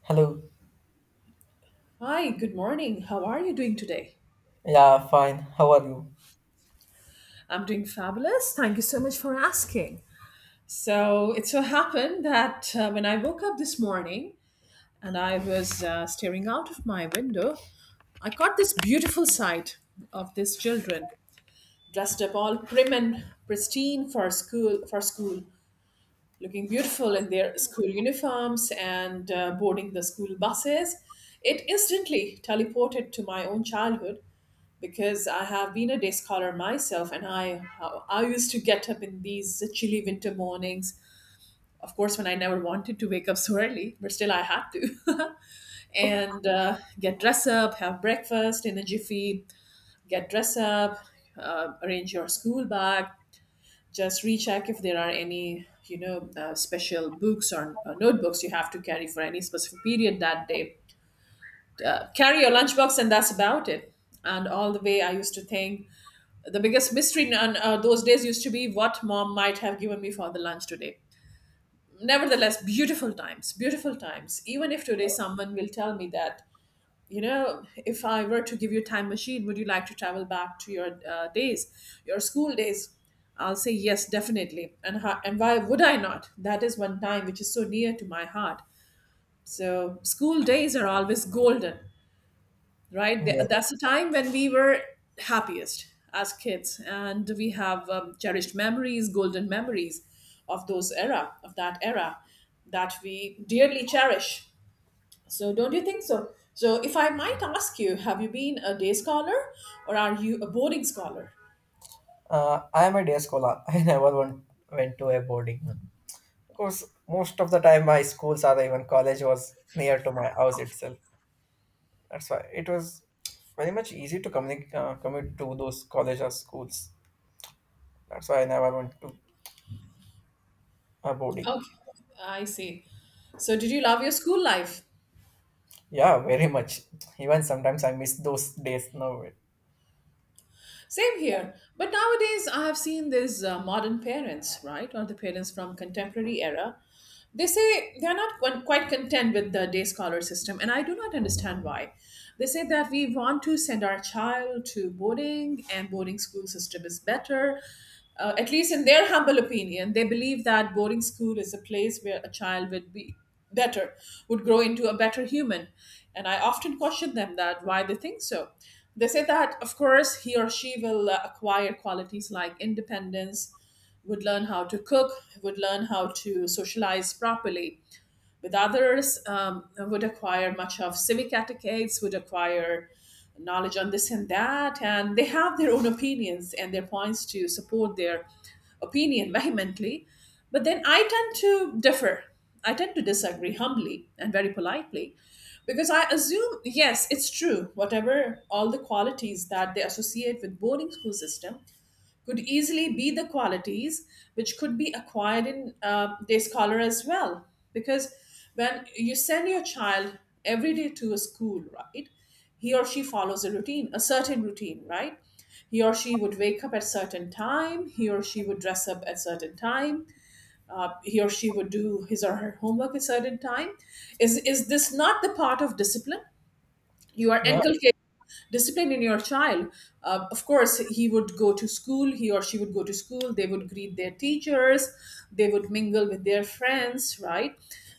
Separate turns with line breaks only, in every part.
Hello.
Hi, good morning. How are you doing today?
Yeah, fine. How are you?
I'm doing fabulous. Thank you so much for asking. So, it so happened that when I woke up this morning and I was staring out of my window, I caught this beautiful sight of these children dressed up all prim and pristine for school, looking beautiful in their school uniforms and boarding the school buses. It instantly teleported to my own childhood because I have been a day scholar myself, and I used to get up in these chilly winter mornings. Of course, when I never wanted to wake up so early, but still I had to, and get dressed up, have breakfast in a jiffy, get dressed up, arrange your school bag, just recheck if there are any special books or notebooks you have to carry for any specific period that day. Carry your lunchbox, and that's about it. And all the way, I used to think. The biggest mystery in those days used to be what mom might have given me for the lunch today. Nevertheless, beautiful times, beautiful times. Even if today someone will tell me that, you know, if I were to give you a time machine, would you like to travel back to your days, your school days? I'll say yes, definitely. And how, and why would I not? That is one time which is so near to my heart. So school days are always golden, right?
Yeah.
That's the time when we were happiest as kids, and we have cherished memories, golden memories of those era, of that era, that we dearly cherish. So, don't you think so? So, if I might ask you, have you been a day scholar or are you a boarding scholar?
I am a day scholar. I never went to a boarding one. Because most of the time my schools or even college was near to my house itself. That's why it was very much easy to communicate commute to those college or schools. That's why I never went to a boarding.
Okay, I see. So, did you love your school life?
Yeah, very much. Even sometimes I miss those days now.
Same here. But nowadays, I have seen these modern parents, right, or the parents from contemporary era. They say they are not quite content with the day scholar system, and I do not understand why. They say that we want to send our child to boarding, and boarding school system is better. At least in their humble opinion, they believe that boarding school is a place where a child would be better, would grow into a better human. And I often question them that why they think so. They say that of course he or she will acquire qualities like independence, would learn how to cook, would learn how to socialize properly with others, would acquire much of civic etiquettes, would acquire knowledge on this and that, and they have their own opinions and their points to support their opinion vehemently. But then I tend to differ. I tend to disagree humbly and very politely, because I assume, yes, it's true, whatever all the qualities that they associate with boarding school system could easily be the qualities which could be acquired in day scholar as well, because when you send your child every day to a school, right, he or she follows a routine, a certain routine, right? He or she would wake up at certain time, he or she would dress up at certain time, he or she would do his or her homework at certain time. Is this not the part of discipline you are
Yeah,
inculcating discipline in your child? Of course, he would go to school, he or she would go to school, they would greet their teachers, they would mingle with their friends, right?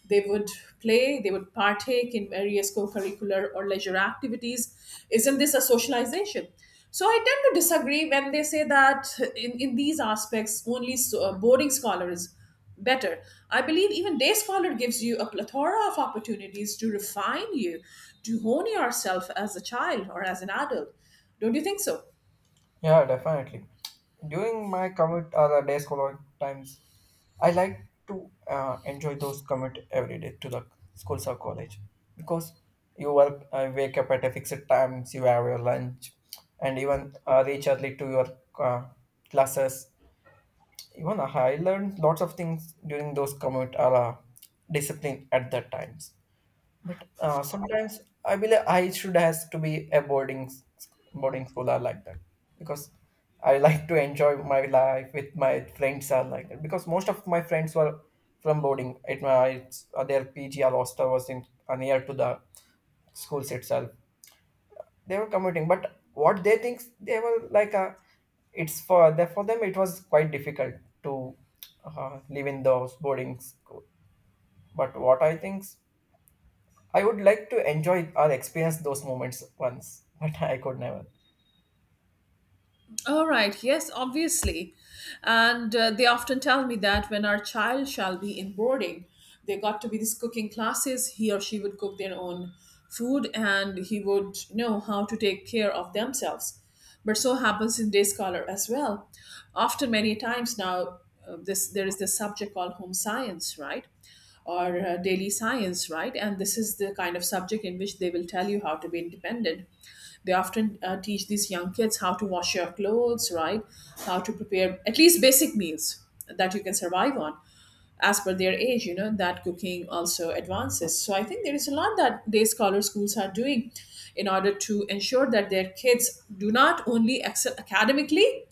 They would play, they would partake in various co-curricular or leisure activities. Isn't this a socialization? So I tend to disagree when they say that in these aspects only so, boarding scholars better. I believe even day scholar gives you a plethora of opportunities to refine you, to hone yourself as a child or as an adult. Don't you think so?
yeah, definitely. During my commute or the day school times, I like to enjoy those commute every day to the schools or college because you wake up at a fixed times, you have your lunch, and even reach early to your uh, classes. Even I learned lots of things during those commute or discipline at that times. Sometimes I believe I should has to be a boarding school are like that because I like to enjoy my life with my friends are like that because most of my friends were from boarding. It was their PG or hostel was in near to the schools itself. They were commuting, but what they think they were like a it's for them it was quite difficult to live in those boarding school. But what I think I would like to enjoy or experience those moments once, but I could never.
All right, yes, obviously. And they often tell me that when our child shall be in boarding, they got to be these cooking classes. He or she would cook their own food and he would know how to take care of themselves. But so happens in Day Scholar as well. Often, many times now, this there is this subject called home science, right? Or daily science, right? And this is the kind of subject in which they will tell you how to be independent. They often teach these young kids how to wash your clothes, right? How to prepare at least basic meals that you can survive on. As per their age, you know, that cooking also advances. So I think there is a lot that day scholar schools are doing in order to ensure that their kids do not only excel academically,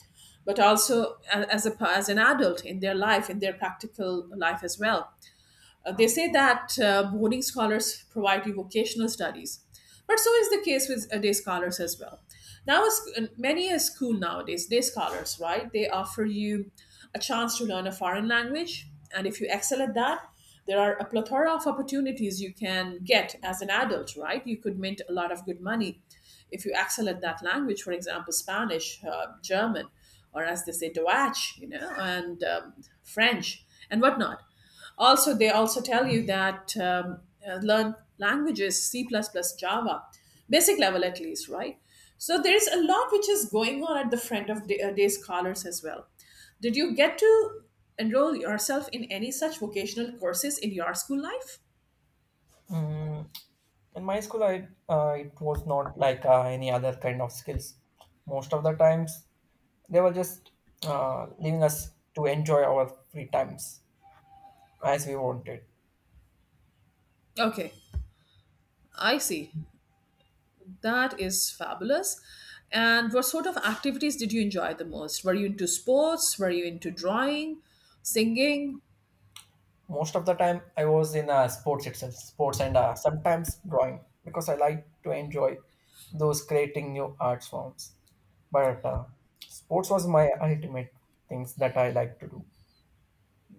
but also as an adult in their life, in their practical life as well. They say that boarding scholars provide you vocational studies, but so is the case with day scholars as well. Now, many a school nowadays, day scholars, right? They offer you a chance to learn a foreign language, and if you excel at that, there are a plethora of opportunities you can get as an adult, right? You could mint a lot of good money if you excel at that language, for example, Spanish, German, or as they say, Deutsch, you know, and French and whatnot. Also, they also tell you that learn languages, C++, Java, basic level at least, right? So there is a lot which is going on at the front of day scholars as well. Did you get to enroll yourself in any such vocational courses in your school life?
Mm, in my school, I it was not like any other kind of skills. Most of the times, they were just leaving us to enjoy our free times as we wanted.
Okay, I see. That is fabulous. And what sort of activities did you enjoy the most? Were you into sports? Were you into drawing, singing?
Most of the time, I was in sports itself, sports and sometimes drawing because I like to enjoy those creating new art forms. But sports was my ultimate things that I like to do.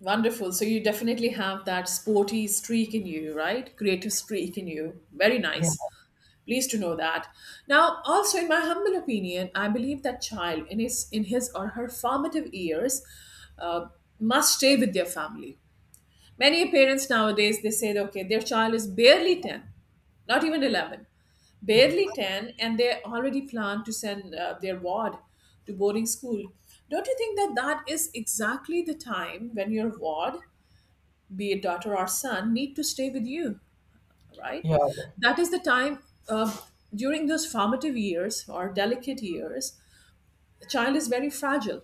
Wonderful. So you definitely have that sporty streak in you, right? Creative streak in you. Very nice. Pleased to know that. Now, also in my humble opinion, I believe that child in his or her formative years uh, must stay with their family. Many parents nowadays they say, okay, their child is barely 10, not even 11, barely 10, and they already plan to send their ward to boarding school. Don't you think that that is exactly the time when your ward, be it daughter or son, need to stay with you, right?
Yeah.
That is the time, uh, during those formative years or delicate years, the child is very fragile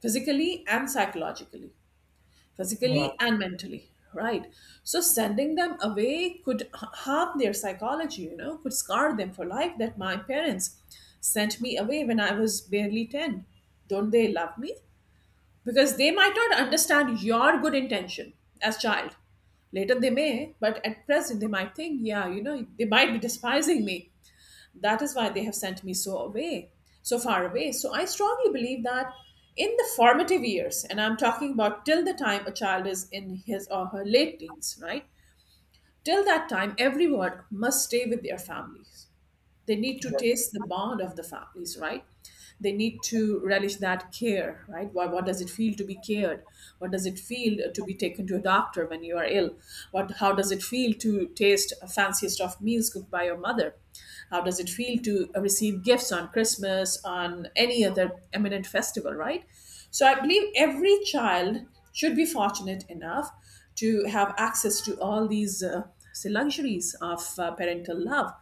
physically and psychologically,
Yeah,
physically and mentally, right? So sending them away could harm their psychology, you know, could scar them for life that my parents sent me away when I was barely 10. Don't they love me? Because they might not understand your good intention as child. Later they may, but at present they might think, yeah, you know, they might be despising me. That is why they have sent me so away, so far away. So I strongly believe that in the formative years, and I'm talking about till the time a child is in his or her late teens, right? Till that time, everyone must stay with their families. They need to
de-
taste the bond of the families, right? They need to relish that care, right? What does it feel to be cared? What does it feel to be taken to a doctor when you are ill? What, how does it feel to taste a fanciest of meals cooked by your mother? How does it feel to receive gifts on Christmas, on any other eminent festival, right? So I believe every child should be fortunate enough to have access to all these luxuries of parental love.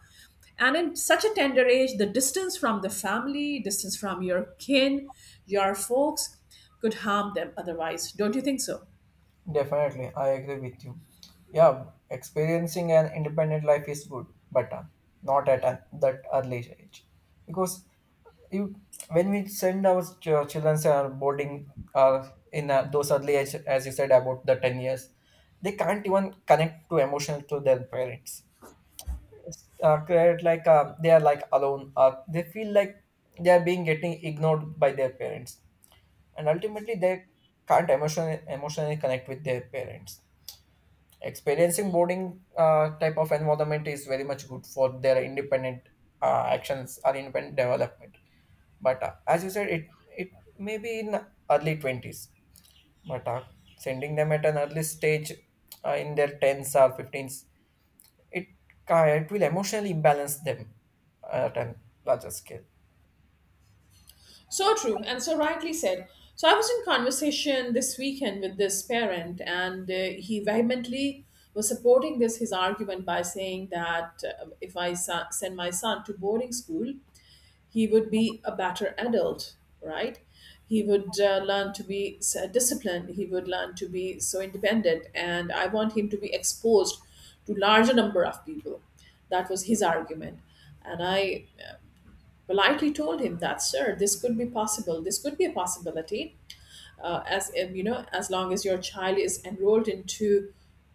And in such a tender age, the distance from the family, distance from your kin, your folks, could harm them otherwise. Don't you think so?
definitely. I agree with you. Yeah, experiencing an independent life is good, but not at that early age. Because you, when we send our children are boarding in those early age, as you said, about the 10 years, they can't even connect to emotional to their parents. Create like they are like alone. They feel like they are being getting ignored by their parents. And ultimately they can't emotionally connect with their parents. Experiencing boarding type of environment is very much good for their independent actions or independent development, but as you said, it may be in early 20s, but sending them at an early stage in their 10s or 15s, it it will emotionally imbalance them at a larger scale.
So true, and so rightly said. So I was in conversation this weekend with this parent, and he vehemently was supporting this his argument by saying that if I send my son to boarding school, he would be a better adult, right? He would learn to be disciplined. He would learn to be so independent, and I want him to be exposed to larger number of people. That was his argument, and I politely told him that, sir, this could be possible. This could be a possibility, as if, you know, as long as your child is enrolled into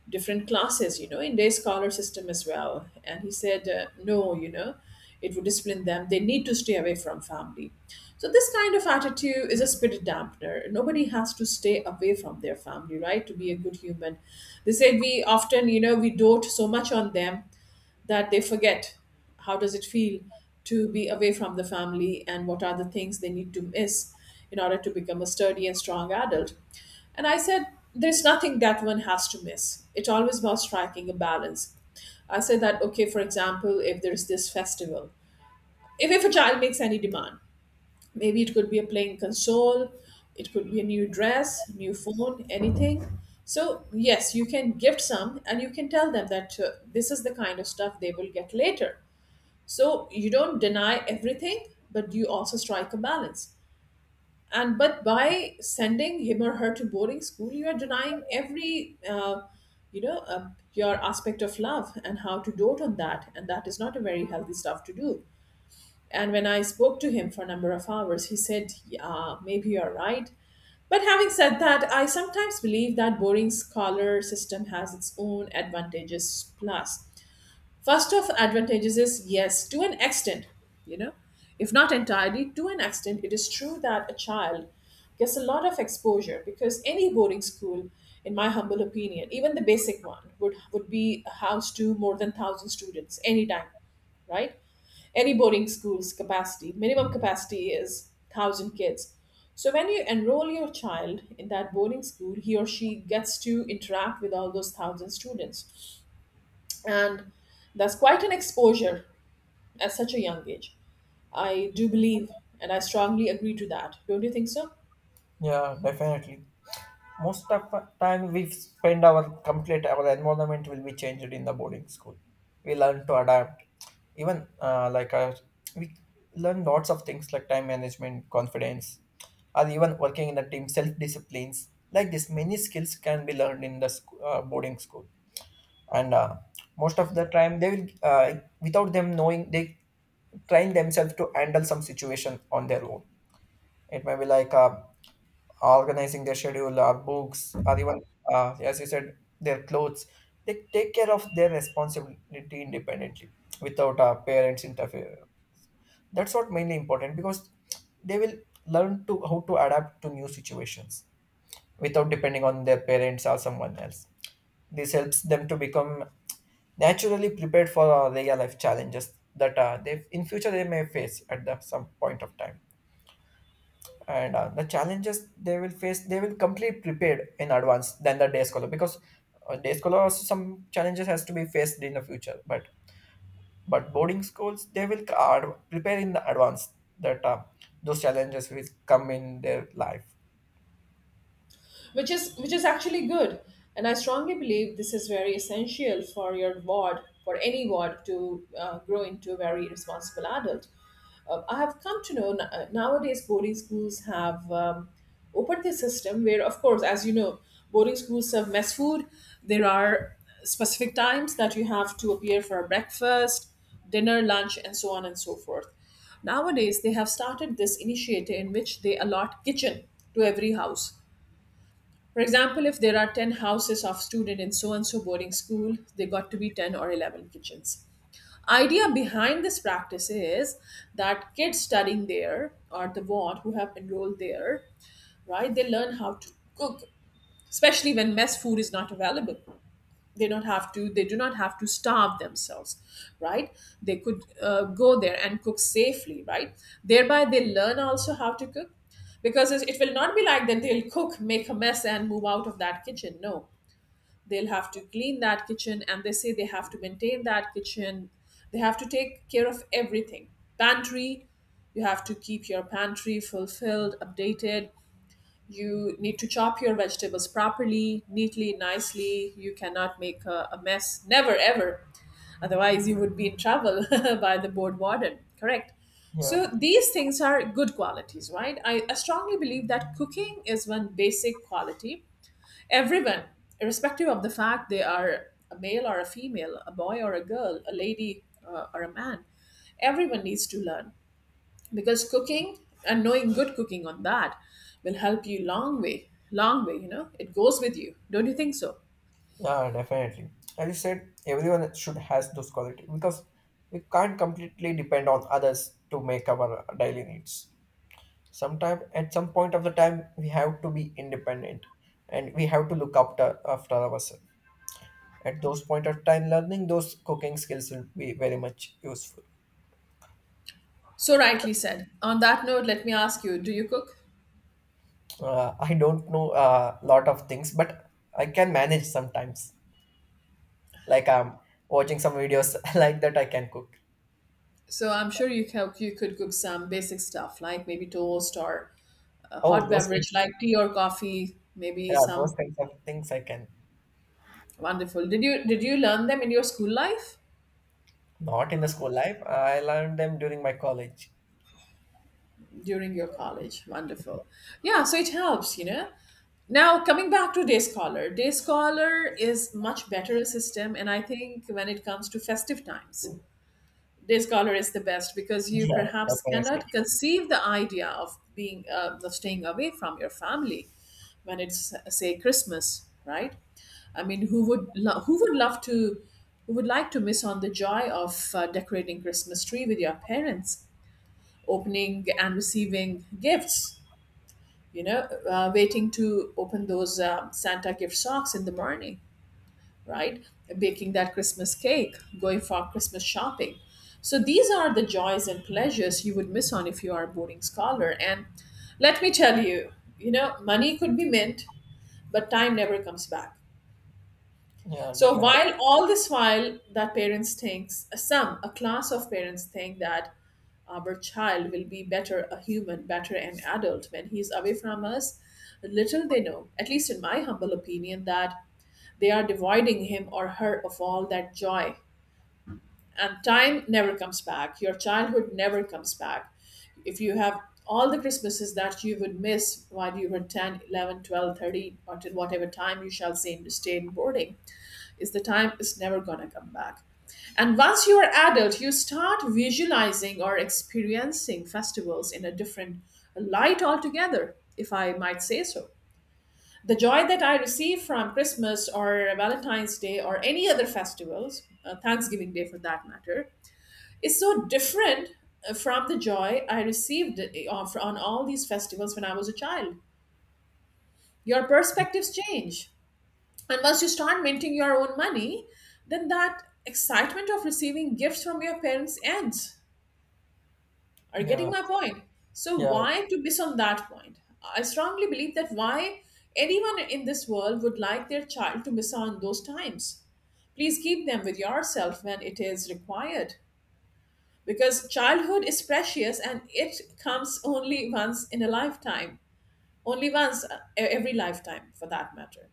different classes, you know, in day scholar system as well. And he said, no, you know, it would discipline them. They need to stay away from family. So this kind of attitude is a spirit dampener. Nobody has to stay away from their family, right? To be a good human. They said we often, we dote so much on them that they forget how does it feel to be away from the family and what are the things they need to miss in order to become a sturdy and strong adult. And I said there's nothing that one has to miss. It's always about striking a balance. I said that, okay, for example, if there's this festival, if a child makes any demand, maybe it could be a playing console, it could be a new dress, new phone, anything. So yes, you can gift some and you can tell them that this is the kind of stuff they will get later. So you don't deny everything, but you also strike a balance. And but by sending him or her to boarding school, you are denying every, you know, uh, your aspect of love and how to dote on that. And that is not a very healthy stuff to do. And when I spoke to him for a number of hours, he said, yeah, maybe you're right. But having said that, I sometimes believe that boring scholar system has its own advantages plus. First of advantages is, yes, to an extent, you know, if not entirely, to an extent, it is true that a child gets a lot of exposure because any boarding school, in my humble opinion, even the basic one, would be a house to more than thousand students anytime, right? Any boarding school's capacity, minimum capacity is 1000 kids. So when you enroll your child in that boarding school, he or she gets to interact with all those 1000 students, and that's quite an exposure at such a young age. I do believe, and I strongly agree to that. Don't you think so?
Yeah, definitely. Most of the time we spend our complete our environment will be changed in the boarding school. We learn to adapt. Even we learn lots of things like time management, confidence, or even working in a team, self disciplines. Like this, many skills can be learned in the boarding school, and most of the time they will without them knowing they train themselves to handle some situation on their own. It may be like organizing their schedule or books or even as you said their clothes. They take care of their responsibility independently without our parents interfere. That's what mainly important because they will learn to how to adapt to new situations without depending on their parents or someone else. This helps them to become naturally prepared for real life challenges that they in future they may face at the some point of time. And the challenges they will face they will complete prepared in advance than the day scholar because day scholar also some challenges has to be faced in the future, but boarding schools they will prepare in the advance that those challenges will come in their life.
Which is actually good, and I strongly believe this is very essential for your ward, for any ward to grow into a very responsible adult. I have come to know nowadays boarding schools have opened this system where, of course, as you know, boarding schools serve mess food. There are specific times that you have to appear for breakfast, dinner, lunch, and so on and so forth. Nowadays they have started this initiative in which they allot kitchen to every house. For example, if there are 10 houses of student in so and so boarding school, they got to be 10 or 11 kitchens. Idea behind this practice is that kids studying there or the ward who have enrolled there, right, they learn how to cook, especially when mess food is not available. They don't have to, they do not have to starve themselves, right? They could go there and cook safely, right? Thereby they learn also how to cook. Because it will not be like that they'll cook, make a mess, and move out of that kitchen. No, they'll have to clean that kitchen, and they say they have to maintain that kitchen. They have to take care of everything. Pantry, you have to keep your pantry fulfilled, updated. You need to chop your vegetables properly, neatly, nicely. You cannot make a mess, never ever, otherwise you would be in trouble by the board warden, correct?
Yeah,
So these things are good qualities, right? I strongly believe that cooking is one basic quality. Everyone, irrespective of the fact they are a male or a female, a boy or a girl, a lady or a man, everyone needs to learn. Because cooking and knowing good cooking on that will help you long way, long way, you know. It goes with you. Don't you think so?
yeah, definitely. As you said, everyone should has those quality because we can't completely depend on others to make our daily needs. Sometime at some point of the time we have to be independent and we have to look after ourselves. At those point of time, learning those cooking skills will be very much useful.
So rightly said. On that note, let me ask you, do you cook?
I don't know a lot of things, but I can manage sometimes, like I'm watching some videos like that I can cook.
So I'm sure you can, you could cook some basic stuff like maybe toast or a
oh
hot
those kind-
beverage like tea or coffee, maybe
yeah, those
some.
kinds of things I can.
Wonderful. Did you learn them in your school life?
Not in the school life, I learned them during my college.
During your college. Wonderful. Yeah, so it helps, you know. Now, coming back to Day Scholar, Day Scholar is much better system, and I think when it comes to festive times, Day Scholar is the best because you
Yeah,
perhaps
definitely.
cannot conceive the idea of being of staying away from your family when it's say Christmas, right? I mean, who would love to, who would like to miss on the joy of decorating Christmas tree with your parents? Opening and receiving gifts, you know, waiting to open those Santa gift socks in the morning, right? Baking that Christmas cake, going for Christmas shopping. So these are the joys and pleasures you would miss on if you are a boarding scholar. And let me tell you, you know, money could be mint, but time never comes back.
Yeah,
So
definitely.
while all this while that parents thinks, some a class of parents think that our child will be better a human, better an adult when he's away from us, little they know, at least in my humble opinion, that they are dividing him or her of all that joy. And time never comes back. Your childhood never comes back. If you have all the Christmases that you would miss while you were 10, 11, 12, 13, or till whatever time you shall seem to stay in boarding, is the time is never going to come back. And once you are adult, you start visualizing or experiencing festivals in a different light altogether, if I might say so. The joy that I receive from Christmas or Valentine's Day or any other festivals, Thanksgiving Day for that matter, is so different from the joy I received on all these festivals when I was a child. Your perspectives change. And once you start minting your own money, then that excitement of receiving gifts from your parents ends. Are you getting
Yeah.
my point? So
Yeah.
why to miss on that point? I strongly believe that why anyone in this world would like their child to miss on those times. Please keep them with yourself when it is required. Because childhood is precious and it comes only once in a lifetime. Only once, every lifetime for that matter.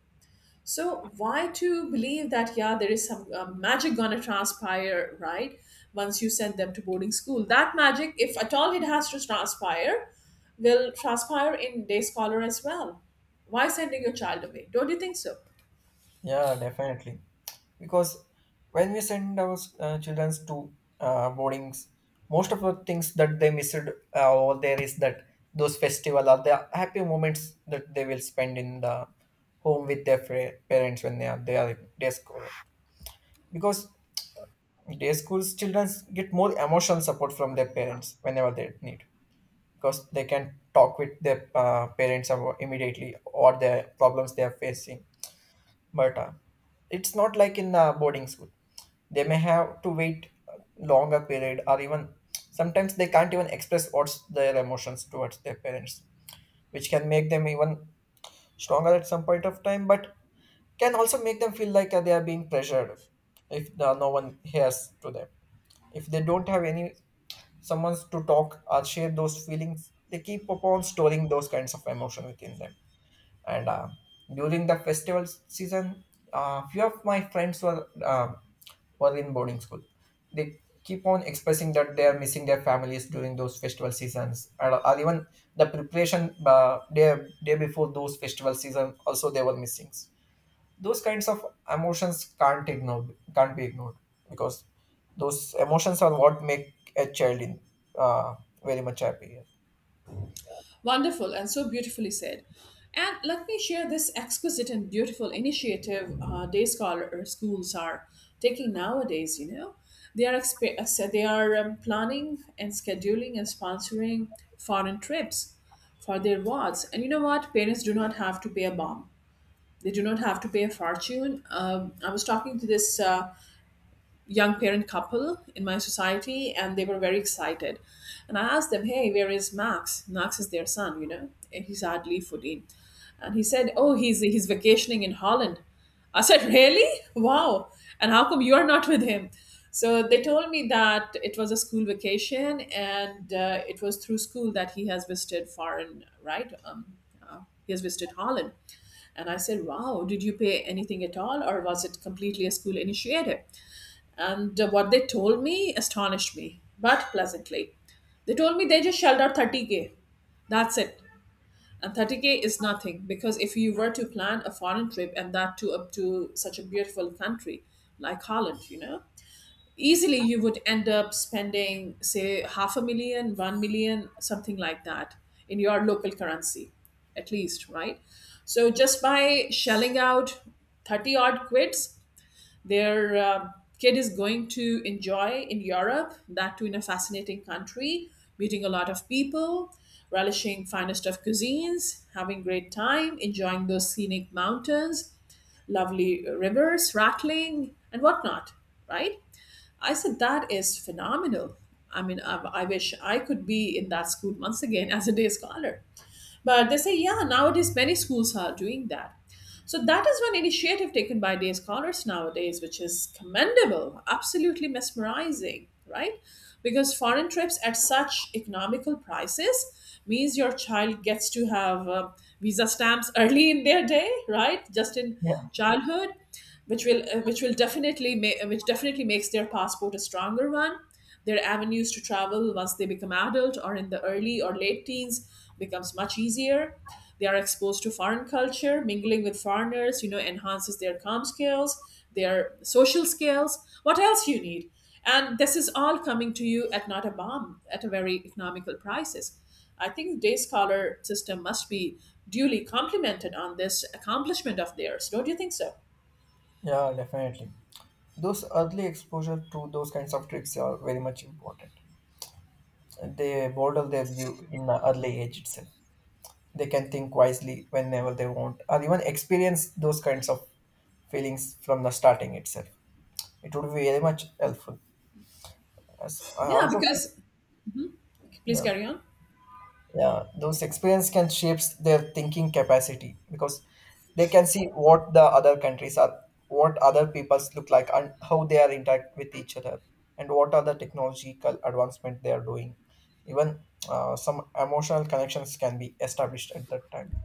So why to believe that yeah there is some magic gonna transpire, right, once you send them to boarding school? That magic, if at all it has to transpire, will transpire in day scholar as well. Why sending your child away? Don't you think so?
Yeah, definitely, because when we send our children to boardings, most of the things that they missed over there is that those festival are the happy moments that they will spend in the home with their parents when they are in day school. Because day schools children get more emotional support from their parents whenever they need, because they can talk with their parents about immediately or their problems they are facing. But it's not like in boarding school they may have to wait longer period or even sometimes they can't even express what's their emotions towards their parents, which can make them even stronger at some point of time, but can also make them feel like they are being pressured if no one hears to them. If they don't have any someone to talk or share those feelings, they keep upon storing those kinds of emotion within them. And during the festival season, few of my friends were in boarding school. They keep on expressing that they are missing their families during those festival seasons, and or even the preparation day before those festival season also they were missing those kinds of emotions. Can't ignore can't be ignored because those emotions are what make a child in uh, very much happy.
Wonderful and so beautifully said. And let me share this exquisite and beautiful initiative day scholar or schools are taking nowadays. You know, they are planning and scheduling and sponsoring foreign trips for their wards. And you know what? Parents do not have to pay a bomb. They do not have to pay a fortune. I was talking to this young parent couple in my society and they were very excited, and I asked them, hey, where is Max? Max is their son, you know, and he's hardly 14. And he said, oh, he's vacationing in Holland. I said, really? Wow. And how come you're not with him? So they told me that it was a school vacation, and it was through school that he has visited foreign, right? He has visited Holland. And I said, wow, did you pay anything at all, or was it completely a school initiative? And what they told me astonished me, but pleasantly. They told me they just shelled out 30k. That's it. And 30k is nothing because if you were to plan a foreign trip and that too up to such a beautiful country like Holland, you know, easily you would end up spending, say, half a million, 1 million, something like that in your local currency, at least, right? So just by shelling out 30 odd quids, their kid is going to enjoy in Europe, that too in a fascinating country, meeting a lot of people, relishing finest of cuisines, having great time, enjoying those scenic mountains, lovely rivers, rattling, and whatnot, right? I said, that is phenomenal. I mean, I wish I could be in that school once again as a day scholar. But they say, yeah, nowadays many schools are doing that. So that is one initiative taken by day scholars nowadays, which is commendable, absolutely mesmerizing, right? Because foreign trips at such economical prices means your child gets to have visa stamps early in their day, right? Just in
Yeah,
childhood, which will definitely make, which definitely makes their passport a stronger one. Their avenues to travel once they become adult or in the early or late teens becomes much easier. They are exposed to foreign culture, mingling with foreigners, you know, enhances their comm skills, their social skills. What else you need? And this is all coming to you at not a bomb, at a very economical prices. I think day scholar system must be duly complimented on this accomplishment of theirs. Don't you think so?
yeah, definitely. Those early exposure to those kinds of tricks are very much important. They model their view in an early age itself. They can think wisely whenever they want, or even experience those kinds of feelings from the starting itself. It would be very much helpful. As I
Yeah,
also feel.
because please
Yeah.
carry on.
Yeah, those experience can shapes their thinking capacity because they can see what the other countries are, what other peoples look like, and how they are interact with each other, and what are the technological advancement they are doing. Even some emotional connections can be established at that time.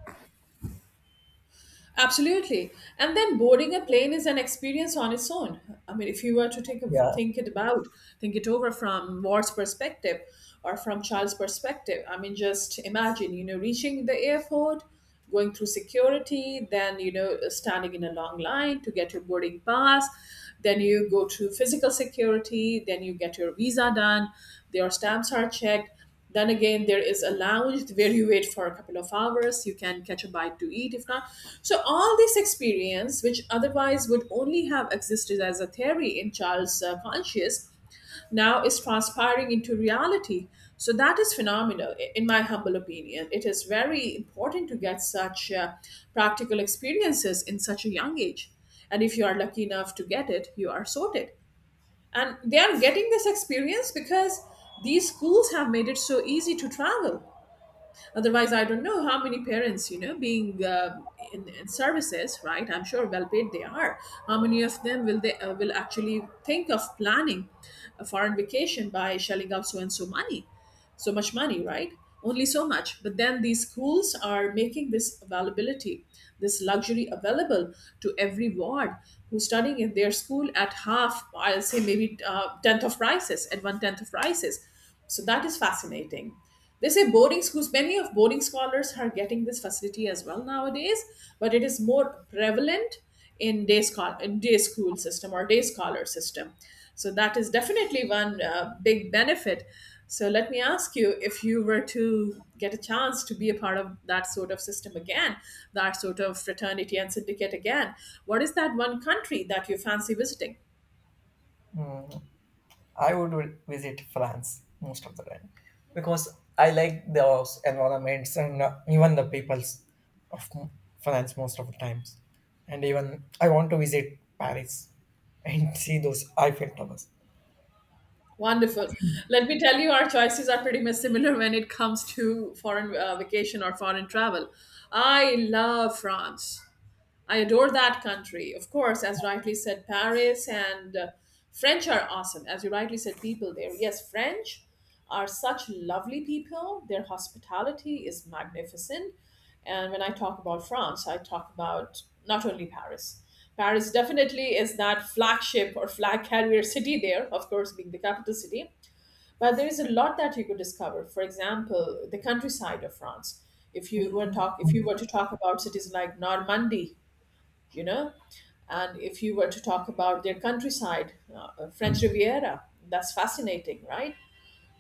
Absolutely. And then boarding a plane is an experience on its own. I mean, if you were to think of,
Yeah.
think it about, think it over from Ward's perspective or from Charles' perspective. I mean, just imagine, reaching the airport, going through security, then, standing in a long line to get your boarding pass, then you go to physical security, then you get your visa done, your stamps are checked. Then again, there is a lounge where you wait for a couple of hours. You can catch a bite to eat if not. So all this experience, which otherwise would only have existed as a theory in Charles' conscious, now is transpiring into reality. So that is phenomenal, in my humble opinion. It is very important to get such practical experiences in such a young age. And if you are lucky enough to get it, you are sorted, and they are getting this experience because these schools have made it so easy to travel. Otherwise, I don't know how many parents, being in services, right? I'm sure well paid they are. How many of them will, they will actually think of planning a foreign vacation by shelling out so and so money, so much money, right? Only so much. But then these schools are making this availability, this luxury available to every ward who's studying in their school at half, I'll say maybe tenth of prices, at one tenth of prices. So that is fascinating. They say boarding schools, many of boarding scholars are getting this facility as well nowadays, but it is more prevalent in day school system or day scholar system. So that is definitely one big benefit. So let me ask you, if you were to get a chance to be a part of that sort of system again, that sort of fraternity and syndicate again, what is that one country that you fancy visiting?
Mm. Visit France most of the time because I like the environments and even the peoples of m- France most of the times. And even I want to visit Paris and see those Eiffel Towers.
Wonderful. Let me tell you, our choices are pretty much similar when it comes to foreign vacation or foreign travel. I love France. I adore that country. Of course, as rightly said, Paris and French are awesome. As you rightly said, people there. Yes, French are such lovely people. Their hospitality is magnificent. And when I talk about France, I talk about not only Paris. Paris definitely is that flagship or flag carrier city there, of course, being the capital city. But there is a lot that you could discover. For example, the countryside of France. If you were to talk about cities like Normandy, you know. And if you were to talk about their countryside, French Riviera, that's fascinating, right?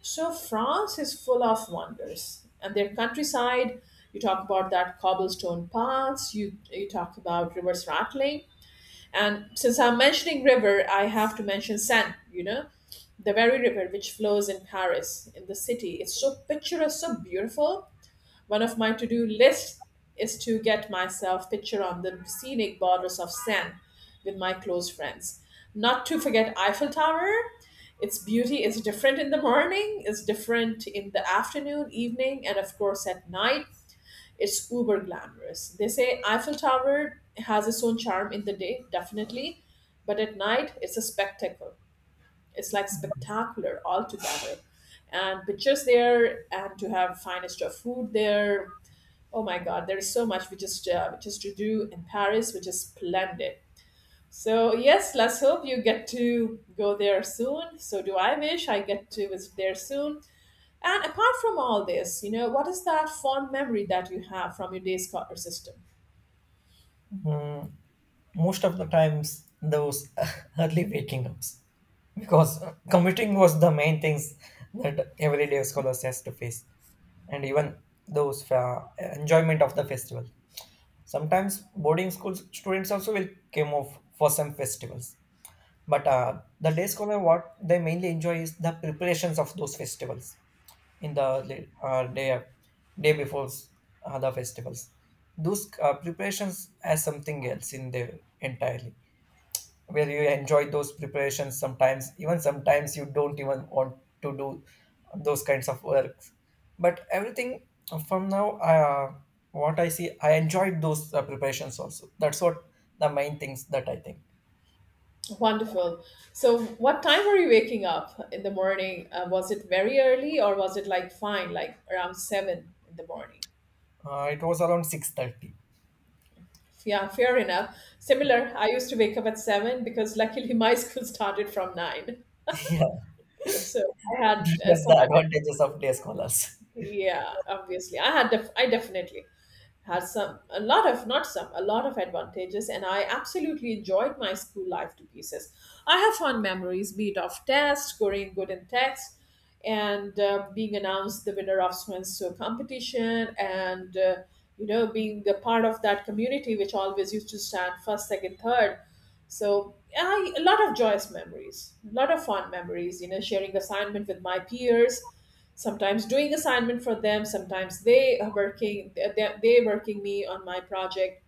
So France is full of wonders, and their countryside. You talk about that cobblestone paths. You talk about rivers rattling, and since I'm mentioning river, I have to mention Seine. The very river which flows in Paris, in the city. It's so picturesque, so beautiful. One of my to do lists is to get myself picture on the scenic borders of Seine with my close friends. Not to forget Eiffel Tower. Its beauty is different in the morning, is different in the afternoon, evening, and of course at night. It's uber glamorous. They say Eiffel Tower has its own charm in the day, definitely, but at night it's a spectacle. It's like spectacular altogether, and pictures there, and to have finest of food there. Oh my God, there is so much which is to do in Paris, which is splendid. So yes, let's hope you get to go there soon. So do I wish I get to visit there soon. And apart from all this, what is that fond memory that you have from your day scholar system?
Most of the times, those early waking ups because commuting was the main things that everyday scholars has to face, and even those enjoyment of the festival. Sometimes boarding school students also will come off for some festivals. But the day scholar, what they mainly enjoy is the preparations of those festivals in the la- uh, day day before the festivals. Those preparations as something else in there entirely where you enjoy those preparations sometimes, even sometimes you don't even want to do those kinds of works. But everything from now what I see, I enjoyed those preparations also. That's what the main things that I think.
Wonderful. So what time were you waking up in the morning? Was it very early, or was it like fine, like around 7 in the morning?
It was around 6:30.
Yeah, fair enough. Similar, I used to wake up at 7 because luckily my school started from 9.
Yeah,
So I had
that was
some,
the advantages of day scholars.
yeah, obviously. I definitely had some, a lot of, not some, a lot of advantages, and I absolutely enjoyed my school life to pieces. I have fond memories, be it of tests, scoring good in tests, and being announced the winner of so and so competition, and being a part of that community which always used to stand first, second, third. So I, a lot of joyous memories, a lot of fond memories, sharing assignment with my peers, sometimes doing assignment for them, sometimes they are working, they working me on my project.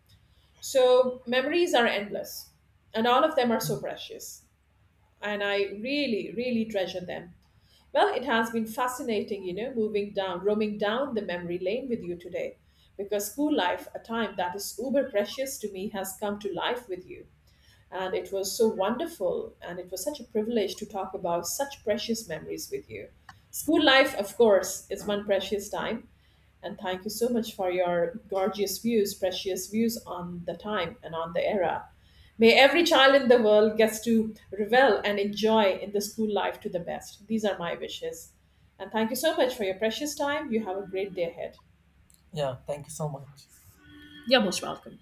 So memories are endless, and all of them are so precious, and I really really treasure them. Well, it has been fascinating, moving down, roaming down the memory lane with you today, because school life, a time that is uber precious to me, has come to life with you, and it was so wonderful, and it was such a privilege to talk about such precious memories with you. School life, of course, is one precious time. And thank you so much for your gorgeous views, precious views on the time and on the era. May every child in the world gets to revel and enjoy in the school life to the best. These are my wishes. And thank you so much for your precious time. You have a great day ahead.
Yeah, thank you so much.
You're most welcome.